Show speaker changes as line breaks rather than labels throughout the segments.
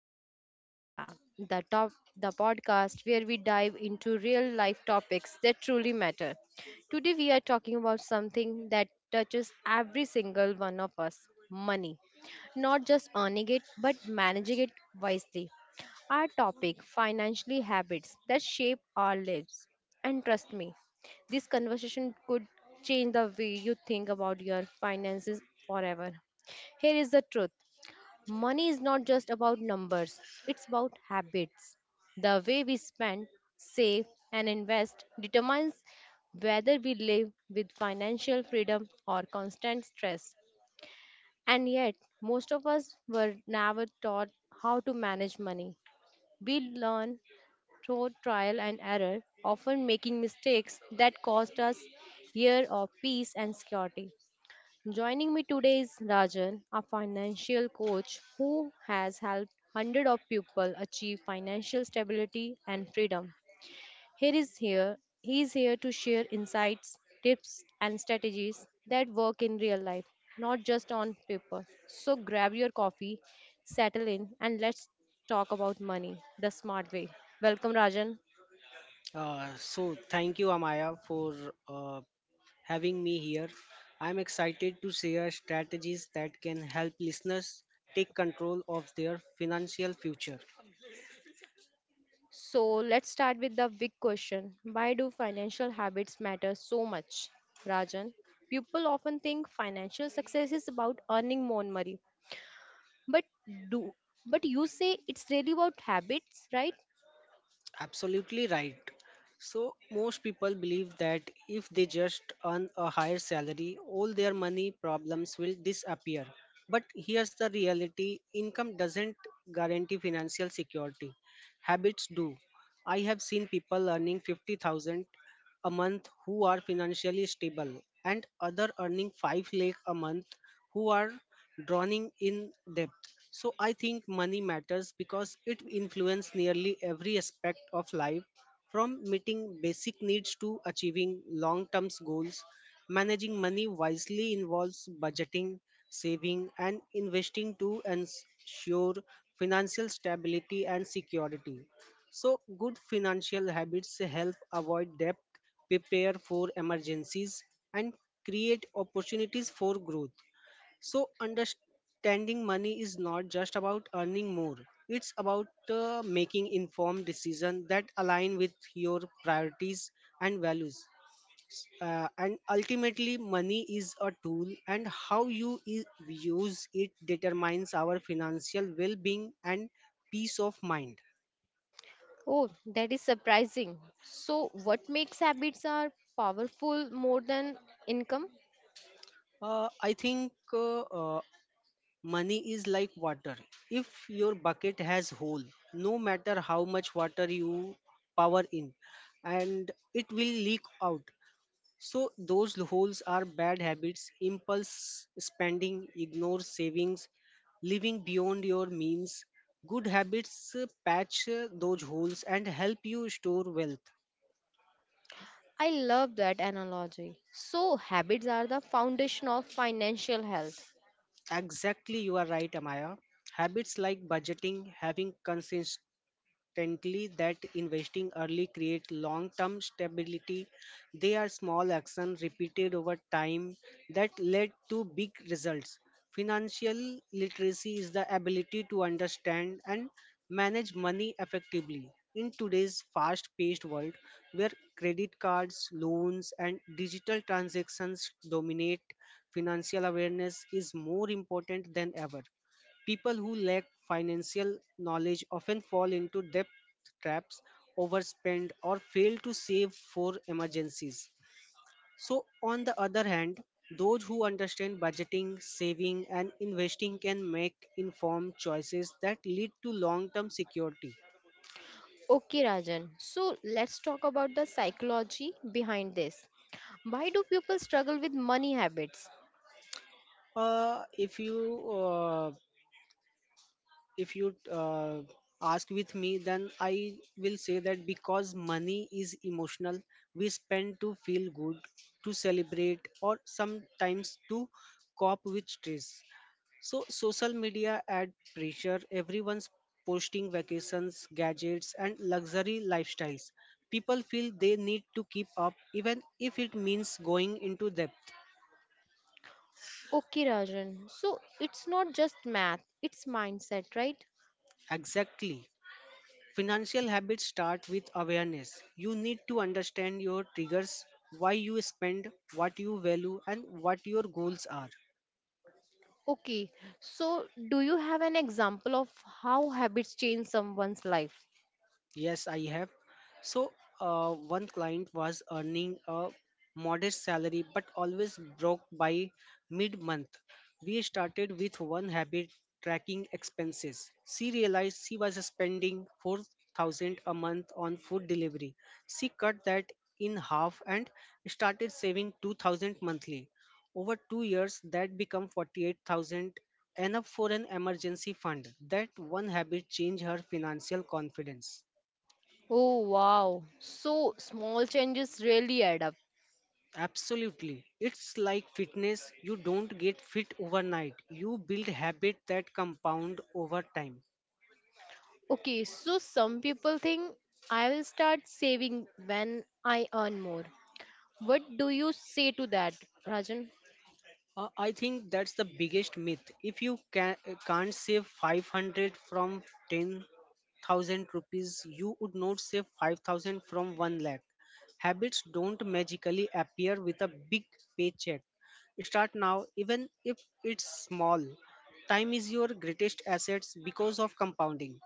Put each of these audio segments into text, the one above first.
Talks with Amaya, the top the podcast where we dive into real life topics that truly matter. Today we are talking about something that touches every single one of us: money. Not just earning it, but managing it wisely. Our topic, financially habits that shape our lives. And trust me, this conversation could change the way you think about your finances forever. Here is the truth. Money is not just about numbers, it's about habits. The way we spend, save, and invest determines whether we live with financial freedom or constant stress. And yet, most of us were never taught how to manage money. We learn through trial and error, often making mistakes that cost us years of peace and security. Joining me today is Rajan, a financial coach who has helped hundreds of people achieve financial stability and freedom. Here is here he is here to share insights, tips and strategies that work in real life, not just on paper. So grab your coffee, settle in and let's talk about money the smart way. Welcome, Rajan.
So thank you, Amaya, for uh, having me here. I'm excited to share strategies that can help listeners take control of their financial future.
So let's start with the big question. Why do financial habits matter so much? Rajan, people often think financial success is about earning more money. But do but you say it's really about habits, right?
Absolutely right. So most people believe that if they just earn a higher salary, all their money problems will disappear. But here's the reality: income doesn't guarantee financial security. Habits do. I have seen people earning 50,000 a month who are financially stable and other earning 5 lakh a month who are drowning in debt. So I think money matters because it influences nearly every aspect of life, from meeting basic needs to achieving long term goals. Managing money wisely involves budgeting, saving, and investing to ensure financial stability and security. So, good financial habits help avoid debt, prepare for emergencies, and create opportunities for growth. So, understanding money is not just about earning more, it's about making informed decisions that align with your priorities and values. And ultimately, money is a tool, and how you use it determines our financial well being and peace of mind.
Oh, that is surprising. So what makes habits are powerful more than income?
I think money is like water. If your bucket has hole, no matter how much water you power in, and it will leak out. So those holes are bad habits, impulse spending, ignore savings, living beyond your means. Good habits patch those holes and help you store wealth.
I love that analogy. So habits are the foundation of financial health.
Exactly, you are right, Amaya. Habits like budgeting, having consistent constantly that investing early creates long term stability. They are small actions repeated over time that led to big results. Financial literacy is the ability to understand and manage money effectively. In today's fast paced world, where credit cards, loans, and digital transactions dominate, financial awareness is more important than ever. People who lack financial knowledge often fall into debt traps, overspend, or fail to save for emergencies. So, on the other hand, those who understand budgeting, saving, and investing can make informed choices that lead to long term security.
Okay, Rajan. So let's talk about the psychology behind this. Why do people struggle with money habits?
Uh, if you uh, if you ask with me, then I will say that because money is emotional, we spend to feel good, to celebrate, or sometimes to cope with stress. So social media add pressure. Everyone's posting vacations, gadgets, and luxury lifestyles. People feel they need to keep up, even if it means going into depth.
Okay, Rajan. So it's not just math, it's mindset, right?
Exactly. Financial habits start with awareness. You need to understand your triggers, why you spend, what you value, and what your goals are.
Okay. So do you have an example of how habits change someone's life?
Yes, I have. So, one client was earning a modest salary but always broke by mid month. We started with one habit: tracking expenses. She realized she was spending 4,000 a month on food delivery. She cut that in half and started saving 2000 monthly. Over 2 years that became 48,000, enough for an emergency fund. That one habit changed her financial confidence.
Oh, wow. So small changes really add up.
Absolutely. It's like fitness. You don't get fit overnight. You build habits that compound over time.
Okay, so some people think I will start saving when I earn more. What do you say to that, Rajan?
I think that's the biggest myth. If you can, Can't save 500 from 10,000 rupees, you would not save 5,000 from 1 lakh. Habits don't magically appear with a big paycheck. Start now, even if it's small. Time is your greatest assets because of compounding.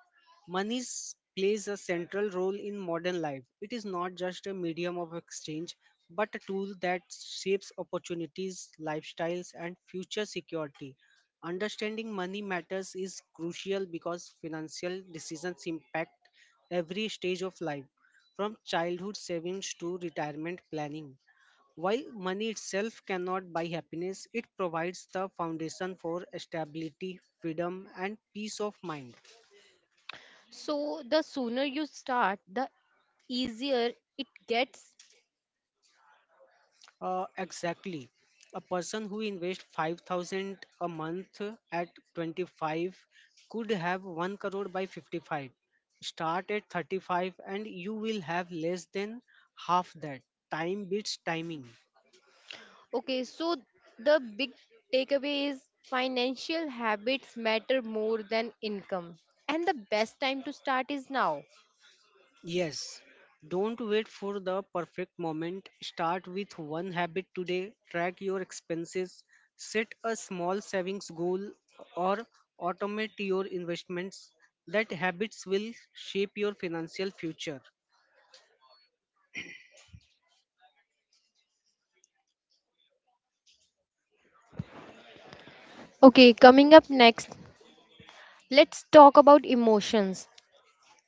Plays a central role in modern life. It is not just a medium of exchange, but a tool that shapes opportunities, lifestyles, and future security. Understanding money matters is crucial because financial decisions impact every stage of life, from childhood savings to retirement planning. While money itself cannot buy happiness, it provides the foundation for stability, freedom, and peace of mind.
So the sooner you start, the easier it gets.
Exactly. A person who invests 5,000 a month at 25 could have 1 crore by 55. Start at 35 and you will have less than half that. Time beats timing.
Okay, so the big takeaway is financial habits matter more than income. And the best time to start is now.
Yes, don't wait for the perfect moment. Start with one habit today. Track your expenses. Set a small savings goal or automate your investments. That habits will shape your financial future.
Okay, coming up next, let's talk about emotions.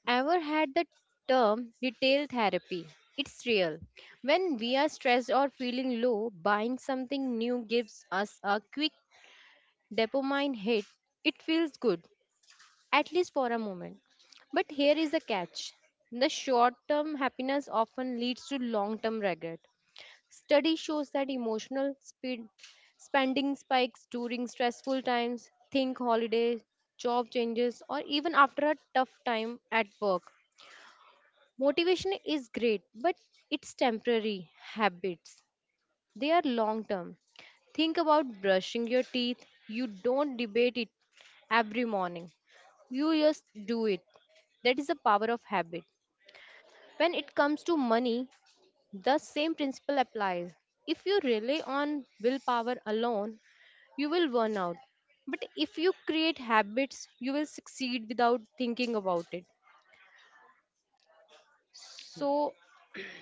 Ever had the term retail therapy? It's real. When we are stressed or feeling low, buying something new gives us a quick dopamine hit. It feels good, at least for a moment. But here is the catch: the short term happiness often leads to long term regret. Study shows that spending spikes during stressful times, think holidays, job changes, or even after a tough time at work. Motivation is great, but it's temporary. Habits, they are long term. Think about brushing your teeth. You don't debate it every morning. You just do it. That is the power of habit. When it comes to money, the same principle applies. If you rely on willpower alone, you will burn out. But if you create habits, you will succeed without thinking about it. So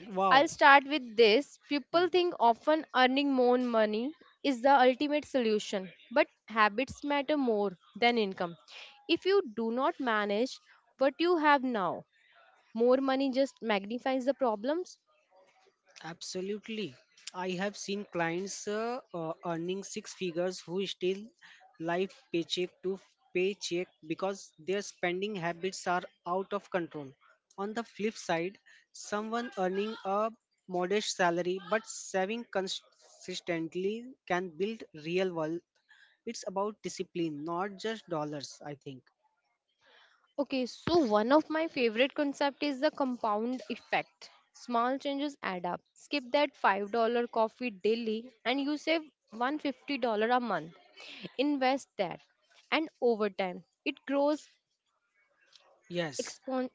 Wow.
I'll start with this. People think often earning more money is the ultimate solution, but habits matter more than income. If you do not manage what you have now, more money just magnifies the problems.
Absolutely. I have seen clients earning six figures who still live paycheck to paycheck because their spending habits are out of control. On the flip side, someone earning a modest salary but saving consistently can build real wealth. It's about discipline, not just dollars, I think.
Okay, so one of my favorite concept is the compound effect. Small changes add up. Skip that $5 coffee daily and you save $150 a month. Invest that and over time it grows
Yes,
expon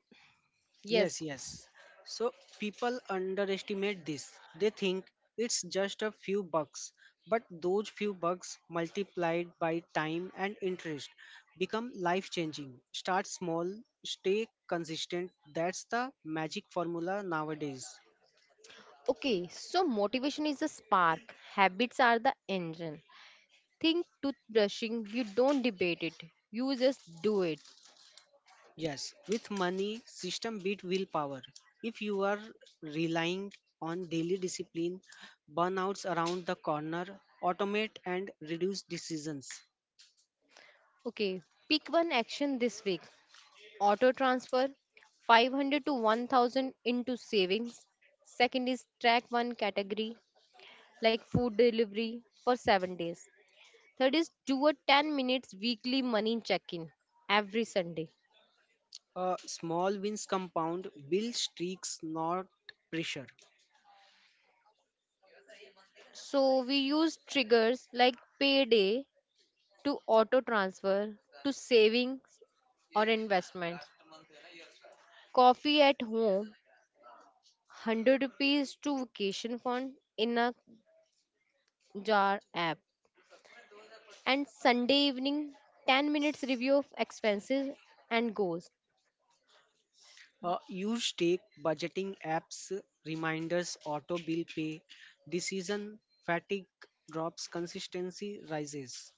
yes.
yes, yes. So people underestimate this. They think it's just a few bucks, but those few bucks multiplied by time and interest become life changing. Start small, stay consistent. That's the magic formula nowadays.
Okay, so motivation is the spark. Habits are the engine. Think toothbrushing, you don't debate it. You just do it.
Yes, with money, system beat willpower. If you are relying on daily discipline, burnouts around the corner, automate and reduce decisions.
Okay, pick one action this week. Auto transfer 500 to 1000 into savings. Second is track one category like food delivery for 7 days. Third is do a 10 minutes weekly money check in every Sunday.
Small wins compound, build streaks, not pressure.
So we use triggers like payday to auto transfer to savings or investment, coffee at home, 100 rupees to vacation fund in a jar app, and Sunday evening 10 minutes review of expenses and goals.
Use take budgeting apps, reminders, auto bill pay, decision fatigue drops, consistency rises.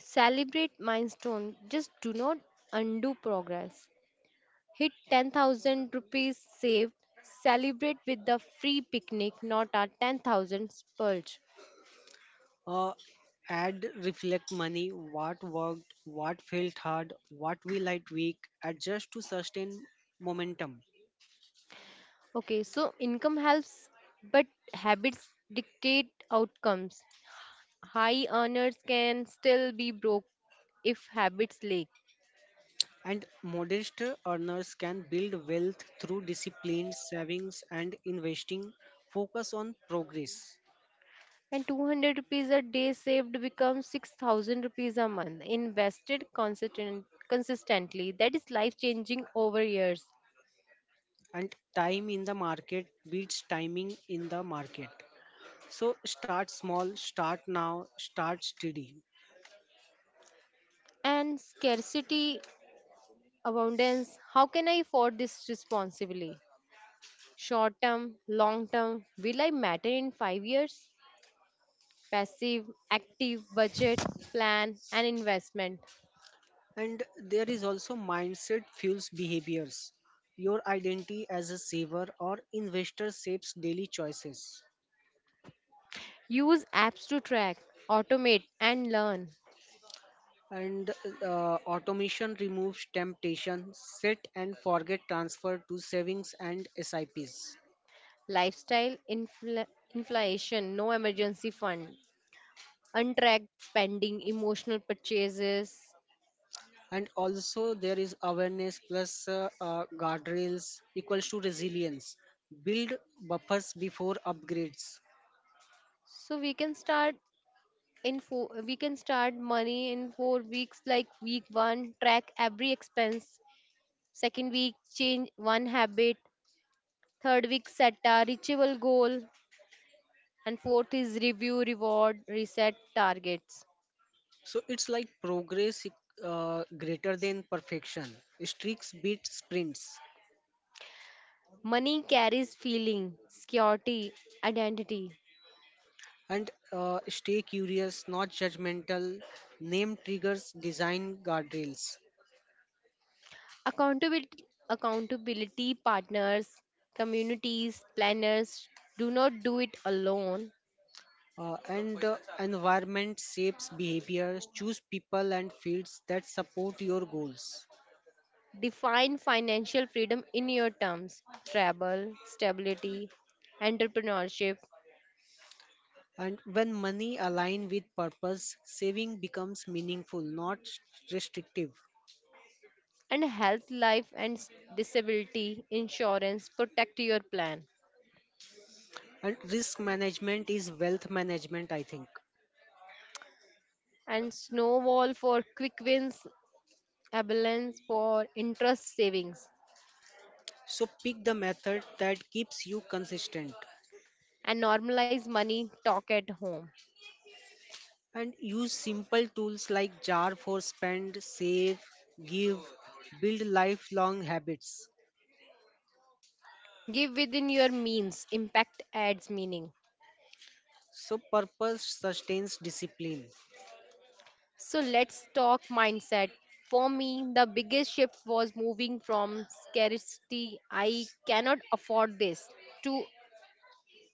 Celebrate milestone, just do not undo progress. Hit 10,000 rupees saved. Celebrate with the free picnic, not a 10,000 splurge.
Uh, add reflect money, what worked, what felt hard, what we liked weak, adjust to sustain momentum.
Okay, so income helps, but habits dictate outcomes. High earners can still be broke if habits lack.
And modest earners can build wealth through disciplined savings and investing. Focus on progress.
And 200 rupees a day saved becomes 6,000 rupees a month invested consistently. That is life changing over years.
And time in the market beats timing in the market, so start small, start now, start steady.
And scarcity, abundance, how can I afford this responsibly? Short term long term, will I matter in 5 years? Passive active budget plan and investment.
And there is also mindset fuels behaviors. Your identity as a saver or investor shapes daily choices.
Use apps to track, automate and learn.
And automation removes temptation, set and forget transfer to savings and sips.
Lifestyle inflation, no emergency fund, untracked spending, emotional purchases.
And also there is awareness plus guardrails equals to resilience, build buffers before upgrades.
So we can start in four, we can start money in 4 weeks, like week one track every expense, second week change one habit, third week set a reachable goal, and fourth is review reward reset targets.
So it's like progress greater than perfection, streaks beat sprints.
Money carries feeling security identity.
And stay curious, not judgmental, name triggers, design guardrails.
Accountability accountability partners, communities, planners, do not do it alone.
And environment shapes behaviors, choose people and fields that support your goals.
Define financial freedom in your terms: travel, stability, entrepreneurship,
And when money align with purpose, saving becomes meaningful, not restrictive.
and health, life, and disability insurance. Protect your plan.
And risk management is wealth management, I think.
And snowball for quick wins, abundance for interest savings,
So pick the method that keeps you consistent,
and normalize money talk at home.
and use simple tools like jar for spend, save, give, build lifelong habits.
Give within your means, impact adds meaning.
So purpose sustains discipline.
So let's talk mindset. For me, the biggest shift was moving from scarcity, I cannot afford this, to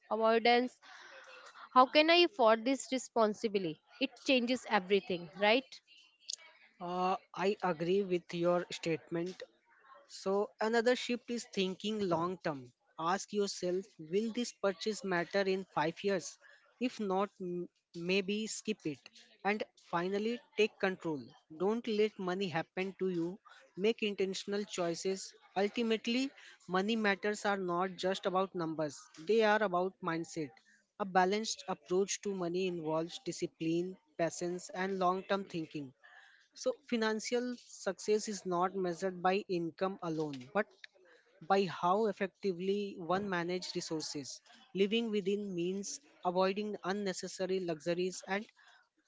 avoidance, how can I afford this responsibly? It changes everything, right?
I agree with your statement. So another shift is thinking long term. Ask yourself, will this purchase matter in 5 years? If not, maybe skip it. And finally, take control. Don't let money happen to you. Make intentional choices. Ultimately, money matters are not just about numbers, they are about mindset. A balanced approach to money involves discipline, patience, and long term thinking. So, financial success is not measured by income alone, but by how effectively one manages resources. Living within means, avoiding unnecessary luxuries, and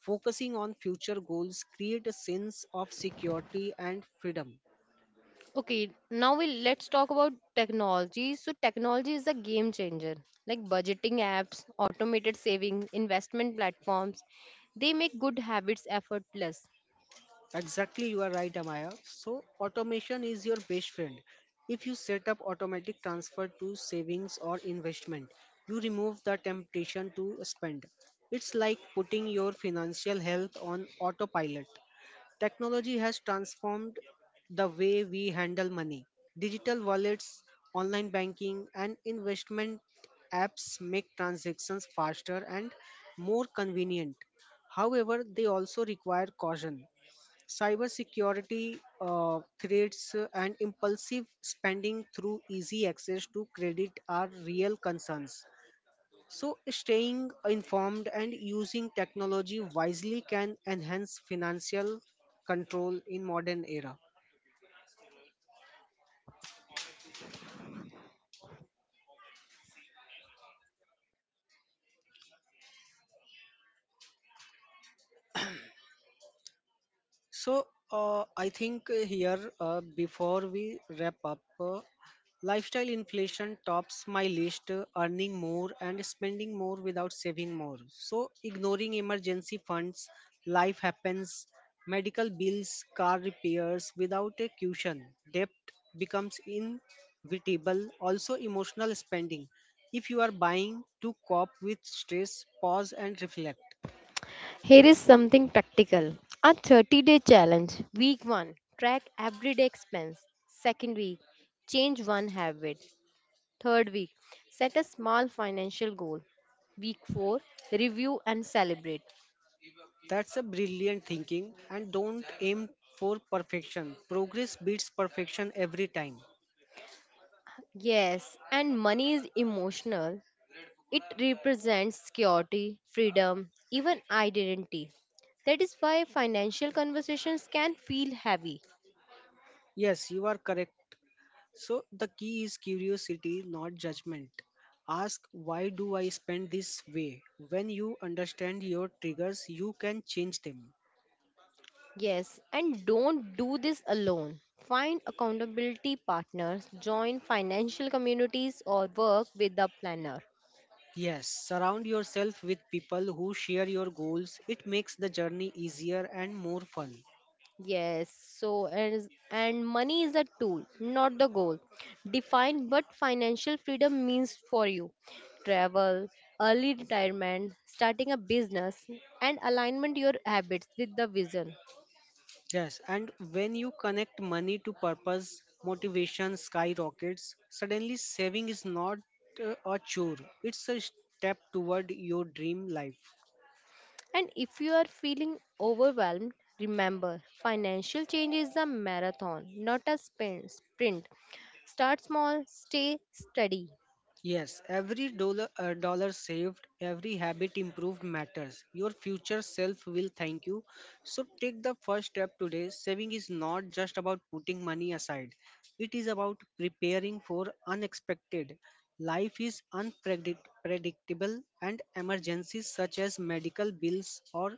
focusing on future goals create a sense of security and freedom.
Okay, now we let's talk about technology. So technology is a game changer. Like budgeting apps, automated savings, investment platforms, they make good habits effortless.
Exactly, you are right, Amaya. So, automation is your best friend. If you set up automatic transfer to savings or investment, you remove the temptation to spend. It's like putting your financial health on autopilot. Technology has transformed the way we handle money. Digital wallets, online banking, and investment apps make transactions faster and more convenient. However, they also require caution. Cybersecurity threats and impulsive spending through easy access to credit are real concerns. So, staying informed and using technology wisely can enhance financial control in modern era. So, before we wrap up, lifestyle inflation tops my list, earning more and spending more without saving more. So, ignoring emergency funds, life happens, medical bills, car repairs without a cushion, debt becomes inevitable, also emotional spending. If you are buying to cope with stress, pause and reflect.
Here is something practical. A 30-day challenge. Week 1. Track everyday expense. Second week. Change one habit. Third week. Set a small financial goal. Week 4. Review and celebrate.
That's a brilliant thinking, and don't aim for perfection. Progress beats perfection every time.
Yes, and money is emotional. It represents security, freedom, even identity. That is why financial conversations can feel heavy.
Yes, you are correct. So the key is curiosity, not judgment. Ask why do I spend this way? When you understand your triggers, you can change them.
Yes, and don't do this alone. Find accountability partners, join financial communities, or work with a planner.
Yes, surround yourself with people who share your goals. It makes the journey easier and more fun.
Yes, and money is a tool, not the goal. Define what financial freedom means for you. Travel, early retirement, starting a business, and alignment your habits with the vision.
Yes, and when you connect money to purpose, motivation skyrockets. Suddenly, saving is not a chore, it's a step toward your dream life.
And if you are feeling overwhelmed, remember financial change is a marathon, not a sprint. Start small, stay steady.
Yes, every dollar saved, every habit improved matters. Your future self will thank you. So take the first step today. Saving is not just about putting money aside, it is about preparing for unexpected. Life is unpredictable, and emergencies such as medical bills or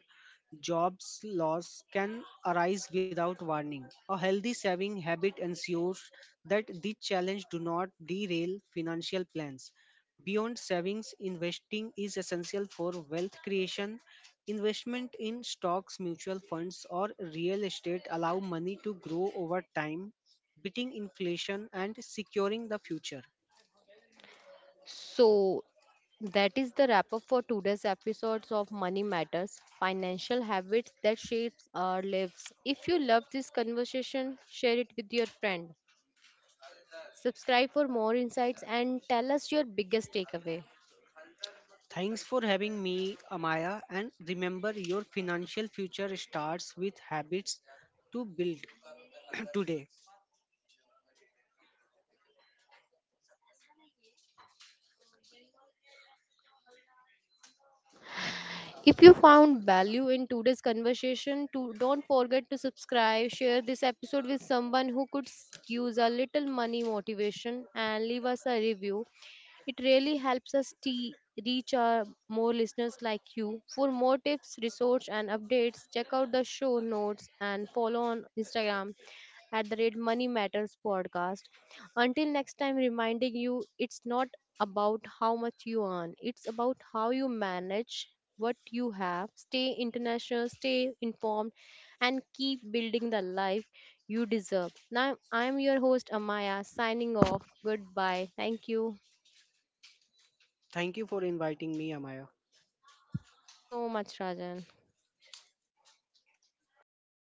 jobs loss can arise without warning. A healthy saving habit ensures that these challenges do not derail financial plans. Beyond savings, investing is essential for wealth creation. Investment in stocks, mutual funds, or real estate allow money to grow over time, beating inflation and securing the future.
So, that is the wrap up for today's episodes of Money Matters Financial Habits that Shapes Our Lives. If you love this conversation, share it with your friend. Subscribe for more insights and tell us your biggest takeaway.
Thanks for having me, Amaya. And remember, your financial future starts with habits to build today.
If you found value in today's conversation, to don't forget to subscribe, share this episode with someone who could use a little money motivation, and leave us a review. It really helps us reach our more listeners like you. For more tips, research, and updates, check out the show notes and follow on Instagram at the rate money matters podcast. Until next time, reminding you it's not about how much you earn, it's about how you manage what you have. Stay international, stay informed, and keep building the life you deserve. Now, I'm your host, Amaya, signing off. Goodbye. Thank you
Thank you for inviting me, Amaya.
so much, Rajan.